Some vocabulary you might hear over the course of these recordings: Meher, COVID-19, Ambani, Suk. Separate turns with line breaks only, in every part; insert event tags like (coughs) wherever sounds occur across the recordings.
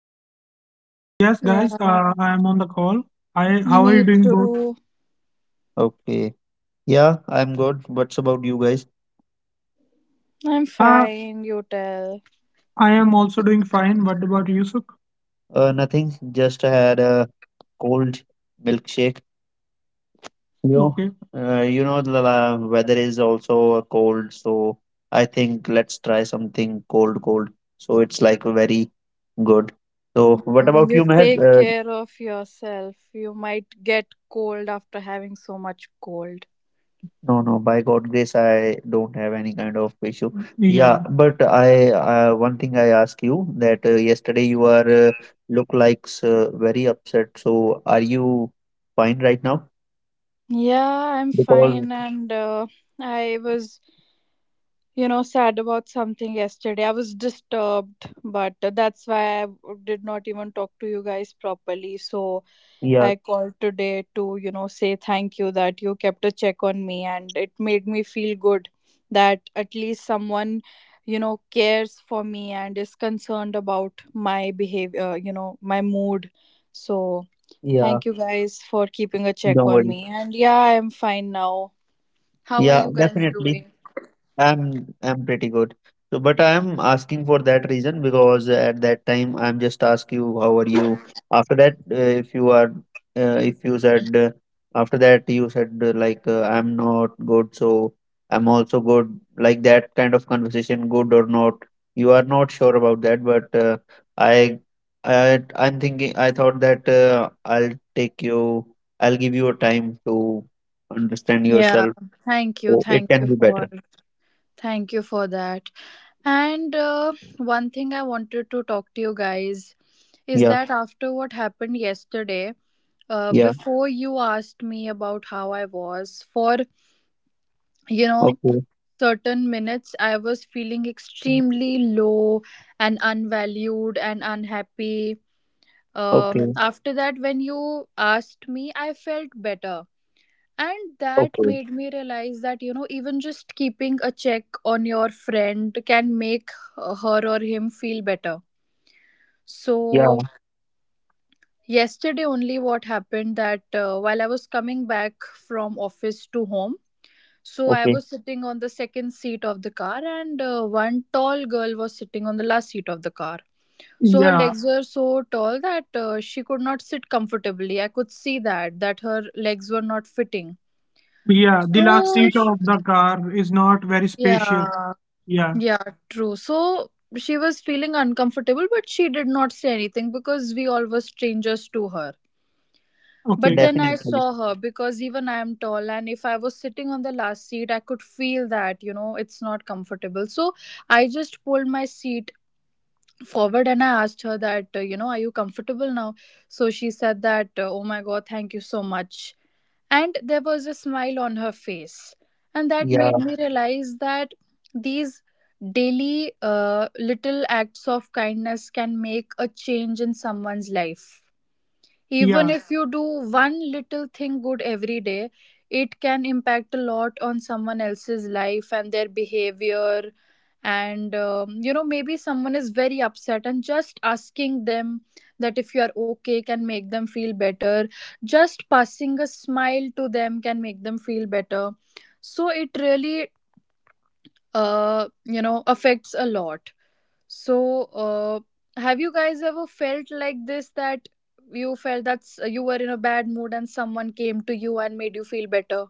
call? Yes, guys,
Yeah,
I am on the call. I How
me
are you doing both?
too.
Okay. Yeah, I'm good. What's about you guys?
I'm
Uh,
fine, you tell.
I am also doing fine. What about you, Suk? Nothing. Just had a cold milkshake. Okay. The weather is also a cold, so I think let's try something cold, cold. So it's like very good. So what about
You
you,
take
Meher?
care of yourself. You might get cold after having so much cold.
No, no, by God grace, I don't have any kind of issue. Yeah, yeah, but I one thing I ask you that yesterday you are look like very upset. So are you fine right now?
Yeah, I'm
Because
fine, and I was, sad about something yesterday. I was disturbed, but that's why I did not even talk to you guys properly. So
yeah,
I called today to, say thank you that you kept a check on me, and it made me feel good that at least someone, cares for me and is concerned about my behavior, my mood. So,
yeah,
thank you guys for keeping a check
don't
on
worry.
me. And yeah, I am fine now. How are
Yeah,
you guys
definitely.
doing?
I'm pretty good. So, but I'm asking for that reason because at that time I'm just ask you how are you. After that, if you are, if you said after that you said like I'm not good, so I'm also good. Like that kind of conversation, good or not, you are not sure about that. But I, I'm thinking. I thought that I'll take you. I'll give you a time to understand
Yeah,
yourself,
thank you.
so it can be better.
Thank you for that. And one thing I wanted to talk to you guys is
Yeah.
that after what happened yesterday,
Yeah.
before you asked me about how I was, for you know,
Okay,
certain minutes, I was feeling extremely low and unvalued and unhappy.
okay,
After that, when you asked me, I felt better. And that
okay.
made me realize that, even just keeping a check on your friend can make her or him feel better.
Yeah,
So yesterday only, what happened that while I was coming back from office to home, so I
okay.
was sitting on the second seat of the car, and one tall girl was sitting on the last seat of the car. So her
Yeah,
legs were so tall that she could not sit comfortably. I could see that her legs were not fitting.
yeah. The last
So
seat
sh-
of the car is not very spacious.
yeah,
Yeah,
yeah, true. So she was feeling uncomfortable, but she did not say anything because we all were strangers to her.
okay.
But then I
Definitely.
saw her, because even I am tall, and if I was sitting on the last seat, I could feel that, it's not comfortable. So I just pulled my seat forward, and I asked her that, are you comfortable now? So she said that, oh my God, thank you so much. And there was a smile on her face. And that made
Yeah.
me realize that these daily little acts of kindness can make a change in someone's life. Even
Yeah.
if you do one little thing good every day, it can impact a lot on someone else's life and their behavior. And maybe someone is very upset, and just asking them that if you are okay can make them feel better. Just passing a smile to them can make them feel better. So it really affects a lot. So, have you guys ever felt like this, that you felt that you were in a bad mood and someone came to you and made you feel better?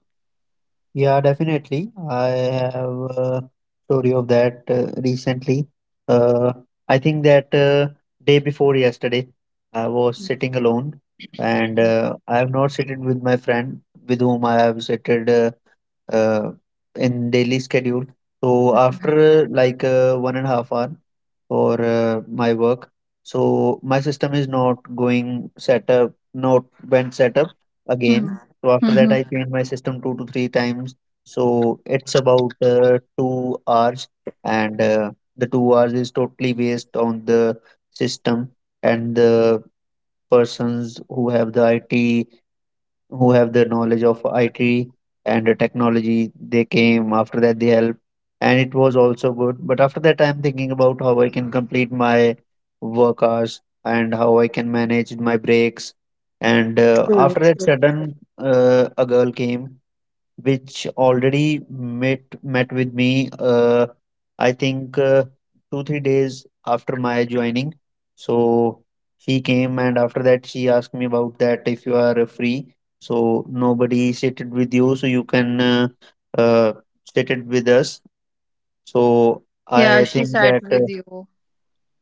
Yeah, definitely. I have a story of that recently. Uh, I think that day before yesterday, I was sitting alone, and I have not sitted with my friend with whom I have sitted uh, in daily schedule. So after like 1.5 hour for my work, so my system is not going set up, not went set up again, so after that,
Mm-hmm.
I changed my system 2 to 3 times. So it's about 2 hours, and the 2 hours is totally based on the system and the persons who have the IT, who have the knowledge of IT and the technology. They came after that, they helped, and it was also good. But after that, I'm thinking about how I can complete my work hours and how I can manage my breaks. And after that, sudden a girl came which already met with me, I think 2 3 days after my joining. So he came, and after that she asked me about that if you are free, so nobody seated with you, so you can uh, sit it with us. So
Yeah,
I
she
think
sat
that
with you.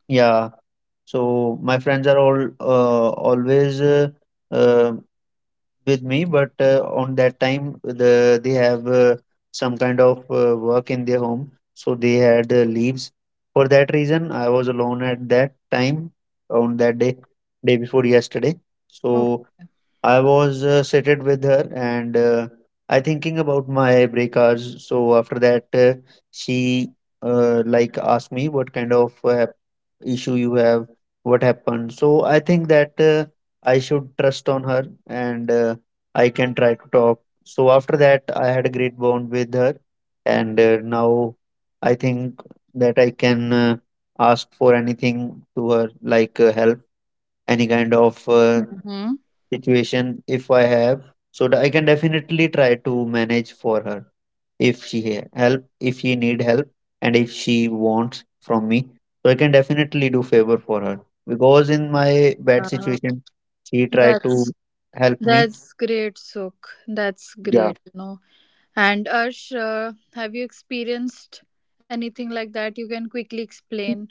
yeah, so my friends are all always uh, with me, but on that time they have some kind of work in their home, so they had leaves. For that reason, I was alone at that time on that day, day before yesterday.
Oh.
So I was seated with her, and I thinking about my breakers. So after that, she like asked me what kind of issue you have, what happened. So I think that I should trust on her, and I can try to talk. So after that, I had a great bond with her, and now I think that I can ask for anything to her, like help, any kind of
Mm-hmm.
situation if I have. So that I can definitely try to manage for her if she help, if she need help, and if she wants from me. So I can definitely do favor for her because in my bad
Uh,
situation, she tried
that's
to help me.
that's great, Suk. That's great, you know. And Arsh, have you experienced anything like that? You can quickly explain.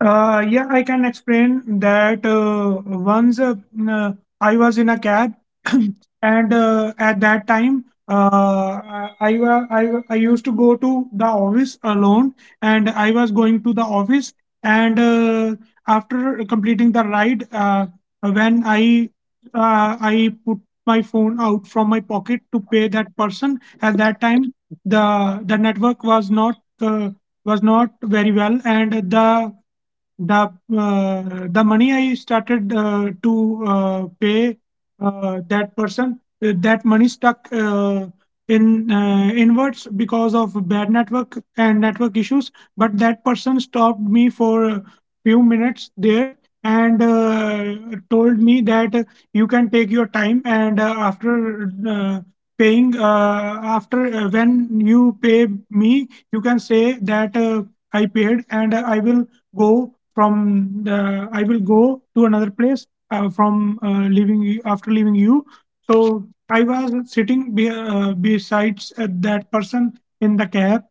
Yeah, I can explain that once uh, I was in a cab, (clears throat) and at that time, I used to go to the office alone, and I was going to the office. And after completing the ride, when I put my phone out from my pocket to pay that person. At that time the network was not, uh, very well, and the the money I started to pay that person. That money stuck in inwards because of bad network and network issues. But that person stopped me for a few minutes there and told me that you can take your time, and after paying, after, when you pay me you can say that I paid, and I will go from the I will go to another place from leaving you after leaving you. So I was sitting besides that person in the cab,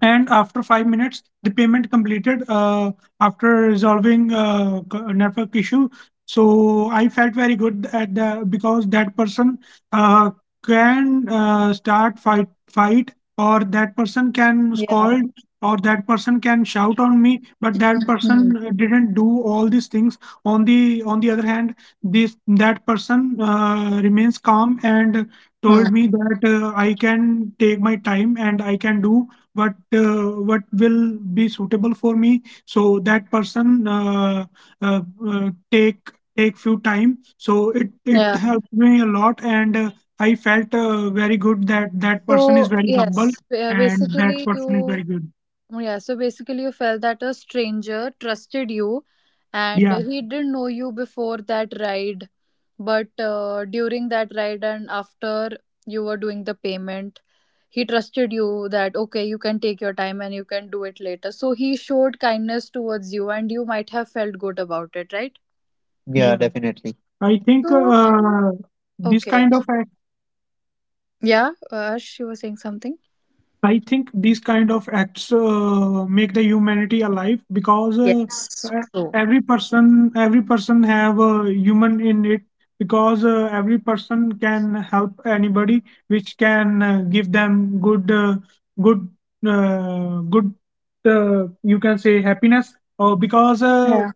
and after 5 minutes the payment completed after resolving network issue. So I felt very good at the because that person uh, can start fight, or that person can
Yeah.
scold, or that person can shout on me. But that
Mm-hmm.
person didn't do all these things. On the other hand, this that person remains calm and told
Hmm.
me that I can take my time and I can do what will be suitable for me. So that person uh, uh, take take few time, so it
Yeah.
helped me a lot, and I felt very good that that person is
So,
very humble
yes,
and that
basically
person is
you
very good.
Oh. Yeah, so basically, you felt that a stranger trusted you, and
Yeah.
he didn't know you before that ride, but during that ride and after you were doing the payment, he trusted you that okay, you can take your time and you can do it later. So he showed kindness towards you, and you might have felt good about it, right?
Yeah, yeah, definitely. i think
So,
uh, this
okay.
kind of
Yeah, she was saying something.
I think these kind of acts make the humanity alive, because
Yes,
uh,
true.
every person have a human in it, because every person can help anybody, which can give them good, good. You can say happiness, or
Yeah.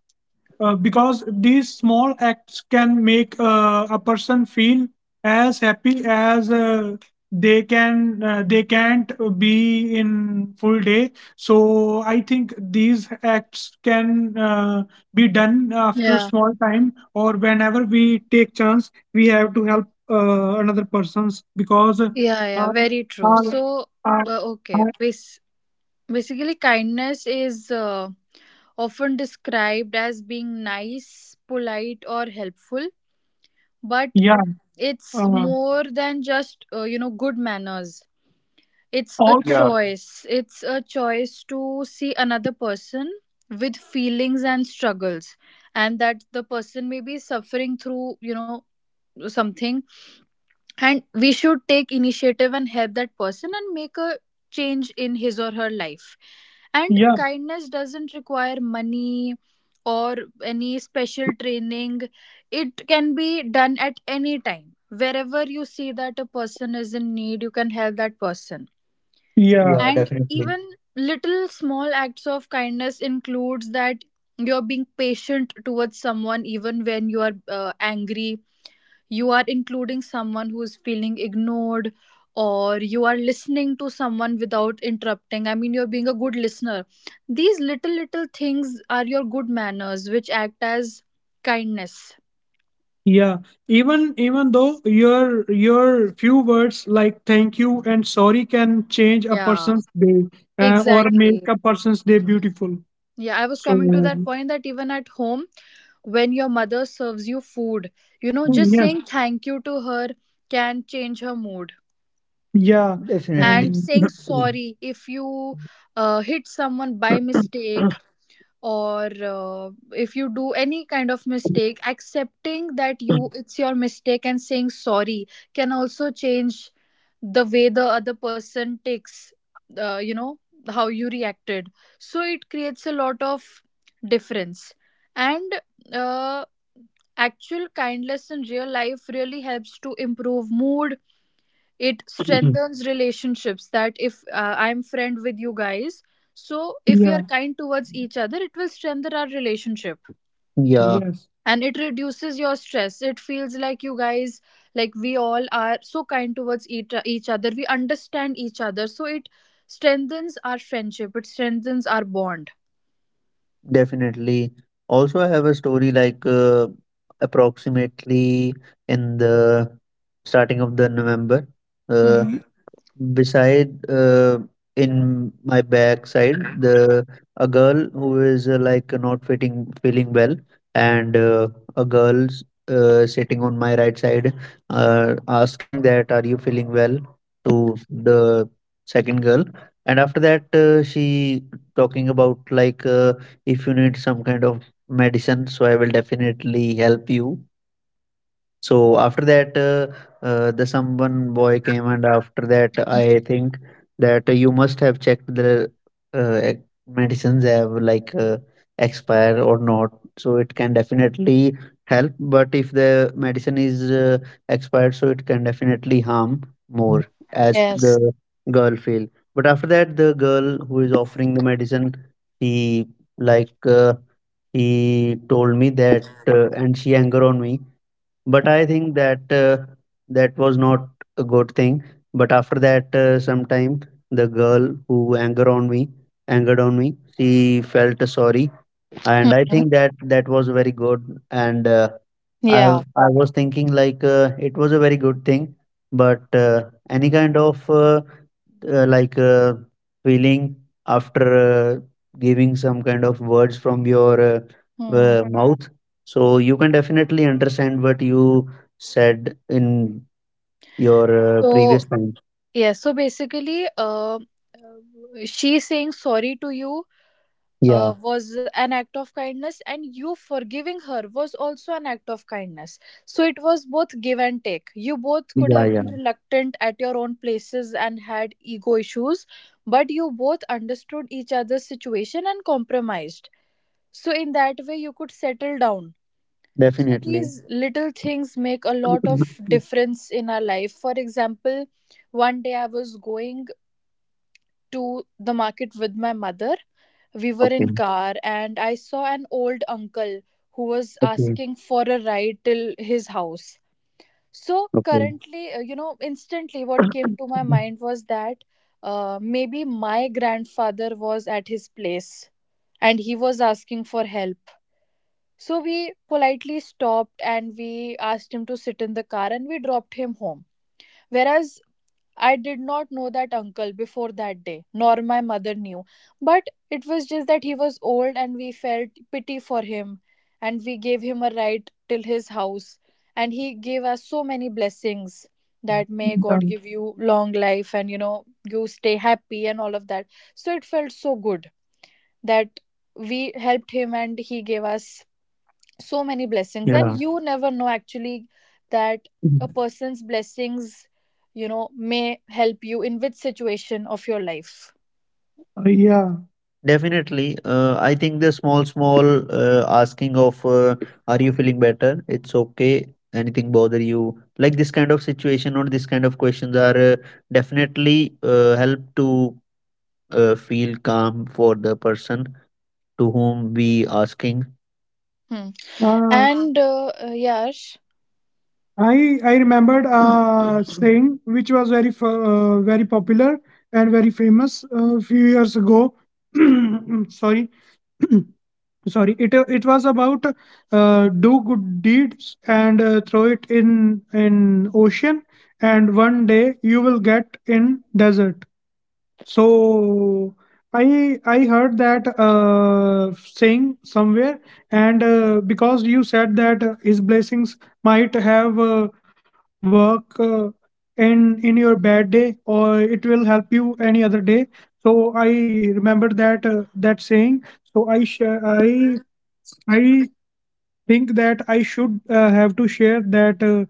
because these small acts can make a person feel as happy as they can't be in full day. So I think these acts can uh, be done after
Yeah.
small time, or whenever we take chance we have to help another persons, because
Yeah, yeah,
uh,
very true. So,
uh,
okay,
uh,
wait. Basically, kindness is often described as being nice, polite, or helpful, but
yeah,
it's
uh,
more than just, good manners. It's a
all. Yeah,
choice. It's a choice to see another person with feelings and struggles, and that the person may be suffering through, something, and we should take initiative and help that person and make a change in his or her life. And
yeah,
kindness doesn't require money or any special training. It can be done at any time. Wherever you see that a person is in need, you can help that person.
yeah, yeah,
And
definitely.
even little small acts of kindness includes that you're being patient towards someone even when you are angry, you are including someone who is feeling ignored, or you are listening to someone without interrupting. I mean, you're being a good listener. These little little things are your good manners which act as kindness.
Yeah, even though your few words like thank you and sorry can change a
Yeah,
person's day, or make
exactly.
a person's day beautiful.
Yeah, I was
So
coming to that point, that even at home when your mother serves you food, you know, just
yes,
saying thank you to her can change her mood.
yeah, definitely.
And saying sorry if you hit someone by mistake,
And
or if you do any kind of mistake, accepting that you it's your mistake and saying sorry can also change the way the other person takes uh, you know how you reacted. So it creates a lot of difference. And uh, actual kindness in real life really helps to improve mood. It strengthens relationships, that if I'm friend with you guys, so if we are
(clears throat) yeah,
kind towards each other, it will strengthen our relationship,
yeah, yes,
and it reduces your stress. It feels like you guys, like we all are so kind towards each other, we understand each other, so it strengthens our friendship, it strengthens our bond.
definitely. Also, I have a story like, approximately in the starting of the November,
Mhm.
beside, in my back side, the a girl who is like not fitting feeling well, and a girl's sitting on my right side asking that are you feeling well to the second girl. And after that she talking about like if you need some kind of medicine, so I will definitely help you. So after that, the someone boy came, and after that, I think that you must have checked the uh, ex- medicines have like expire or not. So it can definitely help, but if the medicine is expired, so it can definitely harm more as
Yes.
the girl feel. But after that, the girl who is offering the medicine, he like uh, he told me that, and she anger on me, but I think that that was not a good thing. But after that, sometime the girl who angered on me, she felt sorry, and I
Mhm.
think that that was very good. And I
Yeah.
I was thinking like it was a very good thing, but any kind of like feeling after giving some kind of words from your
Hmm.
mouth, so you can definitely understand what you said in your
so
previous time.
Yes, so basically, she saying sorry to you
Yeah,
was an act of kindness, and you forgiving her was also an act of kindness. So it was both give and take. You both could
yeah,
have been
yeah,
reluctant at your own places and had ego issues, but you both understood each other's situation and compromised. So, in that way, you could settle down. So,
definitely.
these little things make a lot of
(coughs)
difference in our life. For example, one day I was going to the market with my mother. We were in
Okay,
car, and I saw an old uncle who was
okay,
asking for a ride till his house. So
okay.
currently, instantly what came to my mind was that maybe my grandfather was at his place and he was asking for help. So we politely stopped, and we asked him to sit in the car, and we dropped him home. Whereas I did not know that uncle before that day, nor my mother knew. But it was just that he was old and we felt pity for him, and we gave him a ride till his house. And he gave us so many blessings, that may God give
(coughs)
you long life and, you know, you stay happy and all of that. So it felt so good that we helped him, and he gave us so many blessings. And
Yeah.
you never know actually that a person's blessings, you know, may help you in which situation of your life.
Yeah. Definitely. I think the small, small asking of "Are you feeling better? It's okay. Anything bother you?" Like this kind of situation, or this kind of questions, are definitely help to feel calm for the person to whom we asking.
Hmm.
Uh,
And Yash.
I remembered a saying which was very very popular and very famous a few years ago. (clears throat) Sorry. (clears throat) Sorry, it was about do good deeds and throw it in ocean, and one day you will get in desert. So i I heard that saying somewhere. And because you said that his blessings might have work in in your bad day, or it will help you any other day. So I remember that that saying. So I think that I should have to share that uh,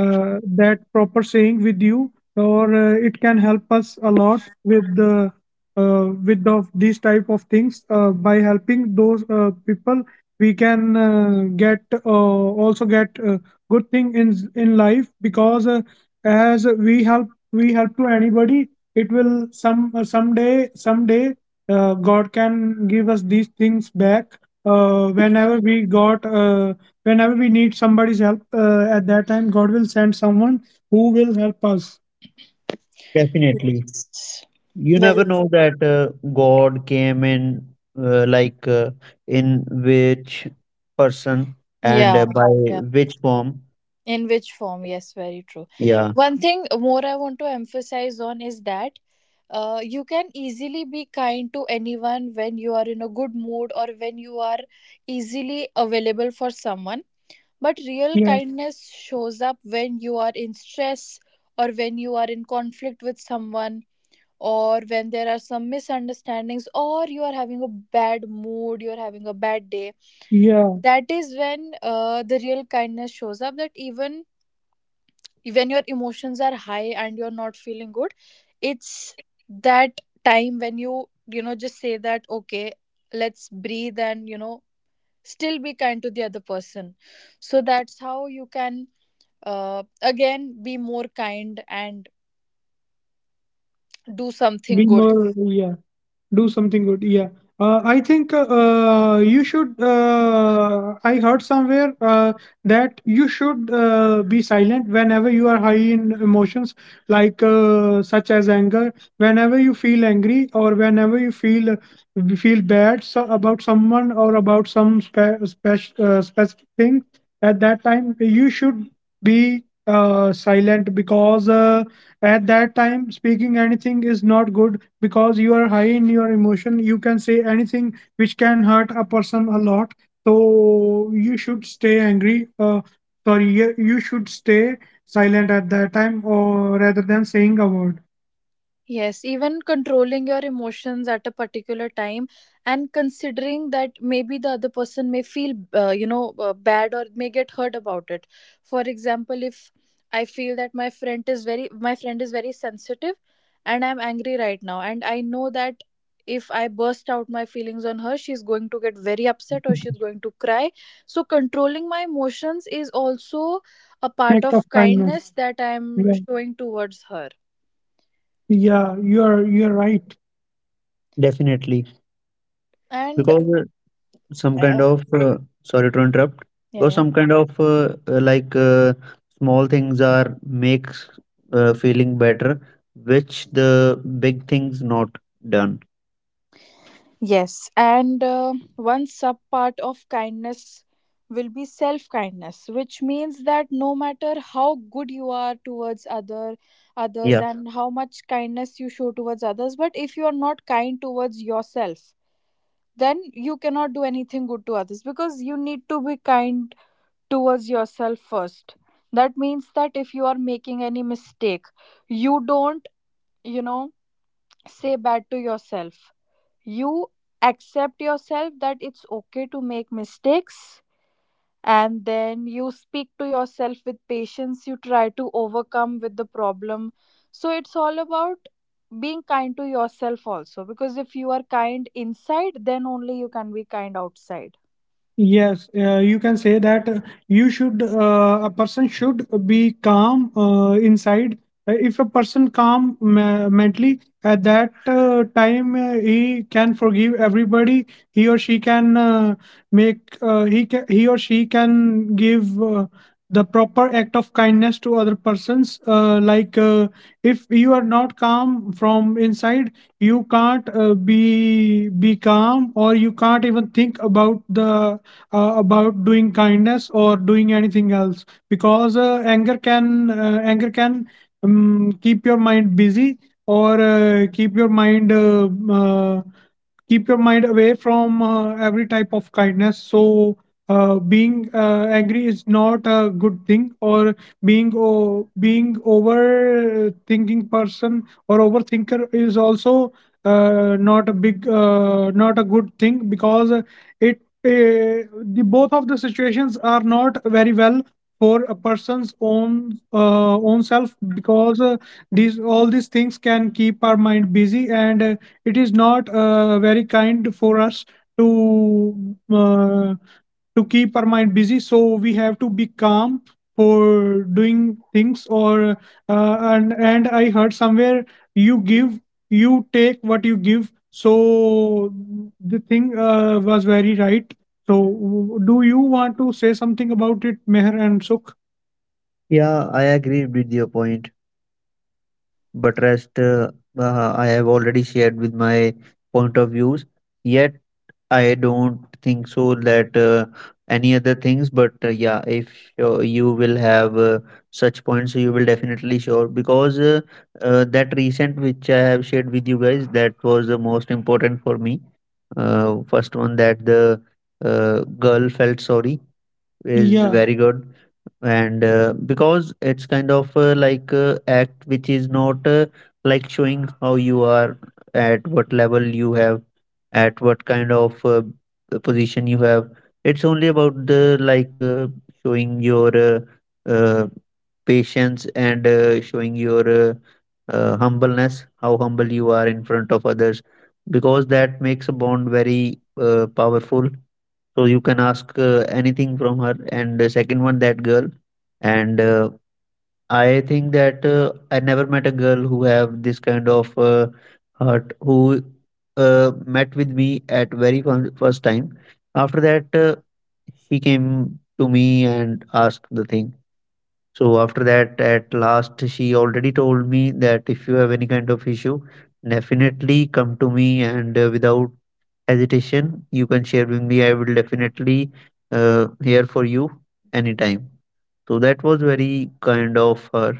uh, that proper saying with you, or it can help us a lot with the, these type of things. By helping those people, we can get also get good thing in life because as we help to anybody, it will some someday God can give us these things back whenever we got whenever we need somebody's help at that time god will send someone who will help us. Definitely. You
Well,
never know that God came in like in which person and
yeah,
by
yeah,
which form.
in which form. Yes, very true.
Yeah,
One thing more I want to emphasize on is that you can easily be kind to anyone when you are in a good mood or when you are easily available for someone. But real kindness shows up when you are in stress, or when you are in conflict with someone, or when there are some misunderstandings, or you are having a bad mood, you are having a bad day.
yeah,
That is when the real kindness shows up, that even when your emotions are high and you're not feeling good, it's that time when you know, just say that, okay, let's breathe and, you know, still be kind to the other person. So that's how you can again be more kind and do something
be
good.
more, yeah, do something good, yeah. I think you should I heard somewhere that you should be silent whenever you are high in emotions like such as anger, whenever you feel angry or whenever you feel bad so about someone or about some specific thing. At that time you should be silent because at that time speaking anything is not good because you are high in your emotion, you can say anything which can hurt a person a lot. So you should stay angry, sorry, you should stay silent at that time, or rather than saying a word,
Yes, even controlling your emotions at a particular time and considering that maybe the other person may feel, bad or may get hurt about it. For example, if I feel that my friend is very, my friend is very sensitive and I'm angry right now, and I know that if I burst out my feelings on her, she's going to get very upset or she's going to cry. So, controlling my emotions is also a part
act of
of
kindness.
kindness that I'm
Yeah,
showing towards her.
yeah, you are right. Definitely,
And
because some kind of sorry to interrupt,
yeah,
because
yeah.
some kind of like small things are makes feeling better, which the big things not done.
Yes, and one sub part of kindness will be self kindness, which means that no matter how good you are towards others
Yeah.
and how much kindness you show towards others, but if you are not kind towards yourself, then you cannot do anything good to others, because you need to be kind towards yourself first. That means that if you are making any mistake, you don't, you know, say bad to yourself, you accept yourself that it's okay to make mistakes, and then you speak to yourself with patience, you try to overcome with the problem. So it's all about being kind to yourself also, because if you are kind inside, then only you can be kind outside.
Yes, you can say that you should a person should be calm inside. If a person calm mentally at that time, he can forgive everybody. He or she can make he or she can give the proper act of kindness to other persons. Like if you are not calm from inside, you can't be calm, or you can't even think about the about doing kindness or doing anything else, because anger can keep your mind busy or keep your mind away from every type of kindness. So being angry is not a good thing, or being being overthinking person or overthinker is also not a big not a good thing, because it uh, the both of the situations are not very well for a person's own own self, because these all these things can keep our mind busy and it is not very kind for us to uh, to keep our mind busy. So we have to be calm for doing things. Or and I heard somewhere, you give, you take what you give. So the thing was very right. So do you want to say something about it, Meher and Sukh? Yeah, I agree with your point, but rest I have already shared with my point of views. Yet I don't think so that any other things. But yeah, if you will have such points, so you will definitely sure, because that recent which I have shared with you guys, that was the most important for me. First one, that the girl felt sorry is. Yeah, very good. And because it's kind of like act which is not like showing how you are, at what level you have, at what kind of position you have. It's only about the like showing your uh, patience and showing your humbleness, how humble you are in front of others, because that makes a bond very powerful. So you can ask anything from her. And the second one, that girl, and I think that I never met a girl who have this kind of heart, who met with me at very first time. After that, he came to me and asked the thing. So after that, at last, she already told me that if you have any kind of issue, definitely come to me and without hesitation, you can share with me. I will definitely here for you anytime. So that was very kind of her.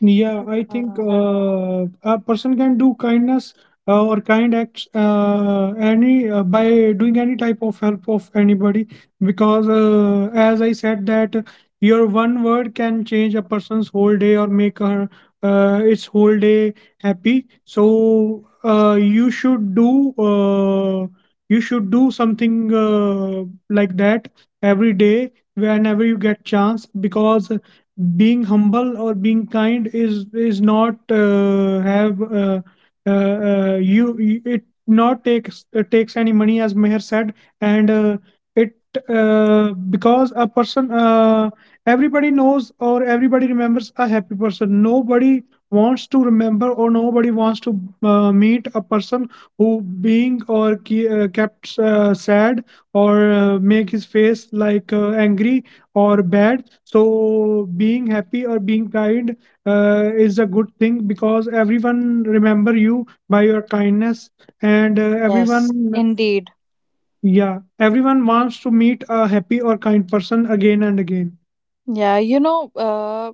Yeah, I think
Yeah.
a person can do kindness or kind acts any by doing any type of help of anybody, because as I said that your one word can change a person's whole day or make her its whole day happy. So you should do something like that every day whenever you get chance, because being humble or being kind is not have it not takes takes any money, as Meher said. And it because a person everybody knows or everybody remembers a happy person. Nobody wants to remember or nobody wants to meet a person who being or kept sad or make his face like angry or bad. So being happy or being kind is a good thing, because everyone remember you by your kindness, and
Yes.
everyone,
Indeed,
yeah, everyone wants to meet a happy or kind person again and again.
yeah,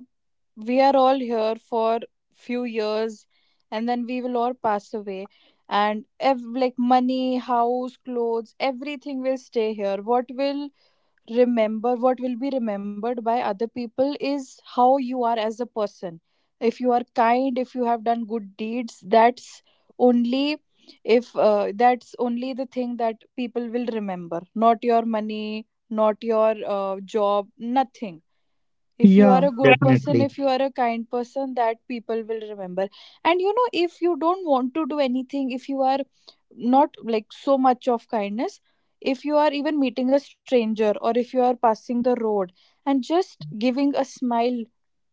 we are all here for few years and then we will all pass away and like money, house, clothes, everything will stay here. What will remember, what will be remembered by other people is how you are as a person. If you are kind, if you have done good deeds, that's only, if that's only the thing that people will remember, not your money, not your job, nothing. If you are
Yeah.
a good person,
Definitely.
if you are a kind person, that people will remember. And you know, if you don't want to do anything, if you are not like so much of kindness, if you are even meeting a stranger or if you are passing the road and just giving a smile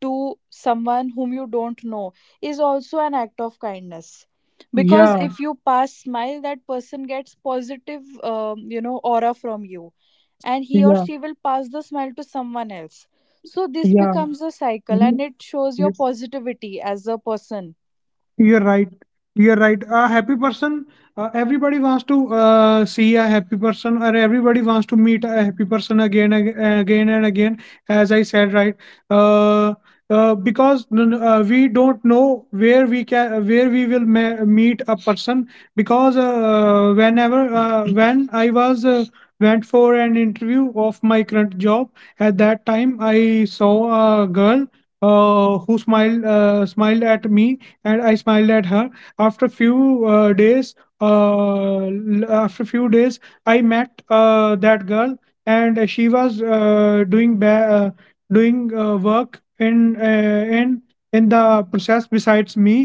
to someone whom you don't know is also an act of kindness, because
Yeah,
if you pass smile, that person gets positive aura from you, and he or
yeah,
she will pass the smell to someone else. So this
yeah,
becomes a cycle and it shows
yeah.
your positivity as a person.
You're right. You're right. A happy person. Everybody wants to see a happy person, or everybody wants to meet a happy person again, again and again. As I said, right. Uh, because we don't know where we can, where we will meet a person. Because whenever, when I was went for an interview of my current job, at that time I saw a girl who smiled smiled at me and I smiled at her. After few days, after few days, I met that girl, and she was doing doing work in the process besides me.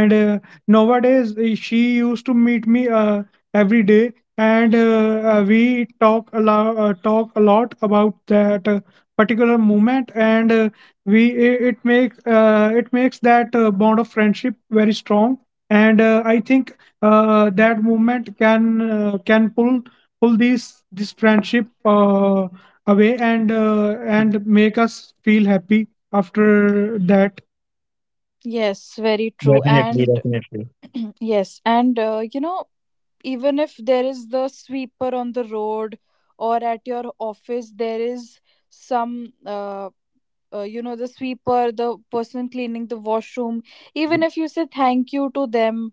And nowadays, she used to meet me every day, and we talk a lot about that particular moment and. We it, it makes that bond of friendship very strong, and I think that movement can pull this friendship away and make us feel happy after that.
Yes, very true.
Definitely,
And
definitely.
(clears throat) yes, even if there is the sweeper on the road or at your office, there is some the sweeper, the person cleaning the washroom, even if you say thank you to them,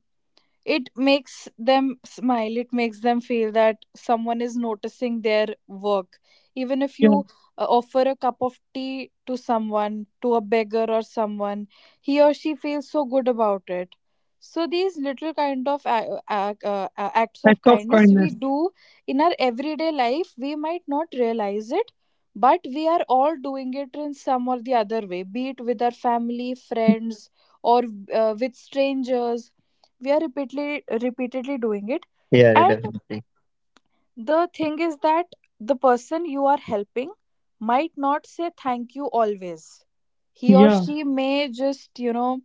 it makes them smile, it makes them feel that someone is noticing their work. Even if
Yeah,
you offer a cup of tea to someone, to a beggar or someone, he or she feels so good about it. So these little kind of acts of
act of
kindness we
kindness.
do in our everyday life, we might not realize it, but we are all doing it in some or the other way, be it with our family, friends, or with strangers. We are repeatedly doing it,
Yeah,
and
definitely.
the thing is that the person you are helping might not say thank you always. He or
Yeah.
she may just you know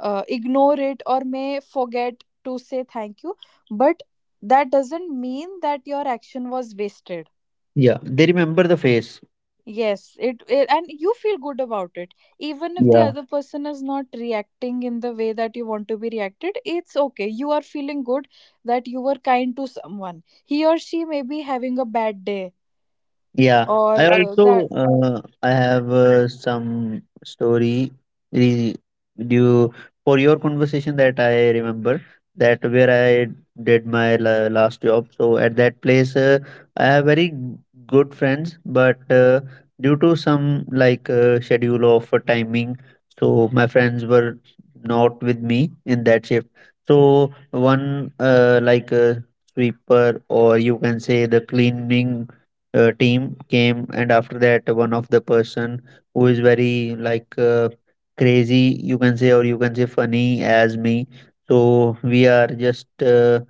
uh, ignore it or may forget to say thank you, but that doesn't mean that your action was wasted.
Yeah, they remember the face.
Yes, it, and you feel good about it. Even if the
Yeah.
other person is not reacting in the way that you want to be reacted, it's okay. You are feeling good that you were kind to someone. He or she may be having a bad day,
Yeah,
or
I also
that,
I have some story re- due for your conversation, that I remember that where I did my last job. So at that place, I have very good friends, but due to some like schedule of timing, so my friends were not with me in that shift. So one like sweeper, or you can say the cleaning team, came. And after that, one of the person who is very like crazy, you can say, or you can say funny as me. So we are just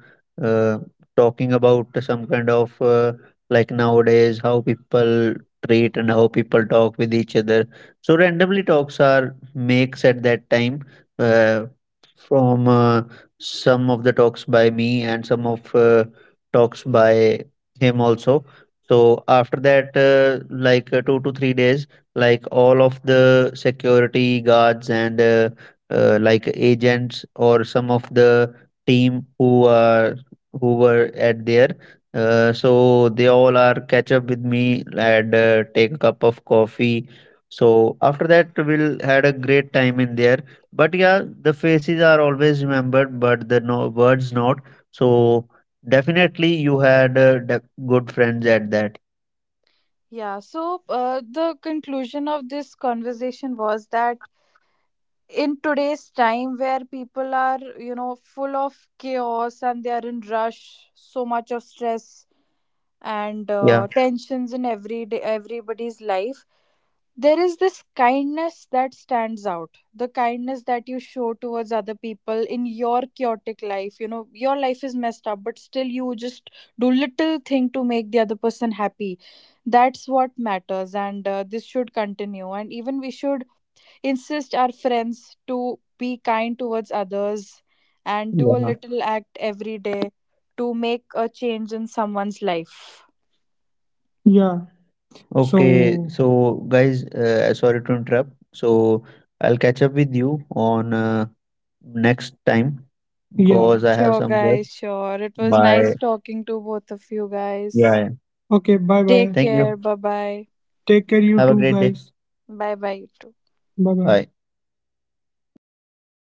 uh, talking about some kind of like nowadays how people treat and how people talk with each other. So randomly talks are makes at that time uh, from some of the talks by me and some of talks by him also. So after that, like 2 to 3 days, like all of the security guards and like agents or some of the team who are, who were at there, so they all are catch up with me and take a cup of coffee. So after that, we'll had a great time in there. But yeah, the faces are always remembered, but the no words not. So. Definitely, you had good friends at that.
yeah. So the conclusion of this conversation was that in today's time, where people are, you know, full of chaos and they are in rush, so much of stress and
Yeah.
tensions in every day, everybody's life, there is this kindness that stands out. The kindness that you show towards other people in your chaotic life, you know, your life is messed up, but still you just do little thing to make the other person happy, that's what matters. And this should continue, and even we should insist our friends to be kind towards others and do a
Yeah.
little act every day to make a change in someone's life.
Yeah. Okay, so, so guys, sorry to interrupt. So I'll catch up with you on next time, yeah. Because I have
Sure
some work.
guys, sure, it was
Bye.
nice talking to both of you guys.
Yeah. Okay. Bye bye.
Take
Thank you.
care. Bye bye.
Take care, you. Have a too, great day. Guys.
Bye bye, you too.
Bye bye. Bye.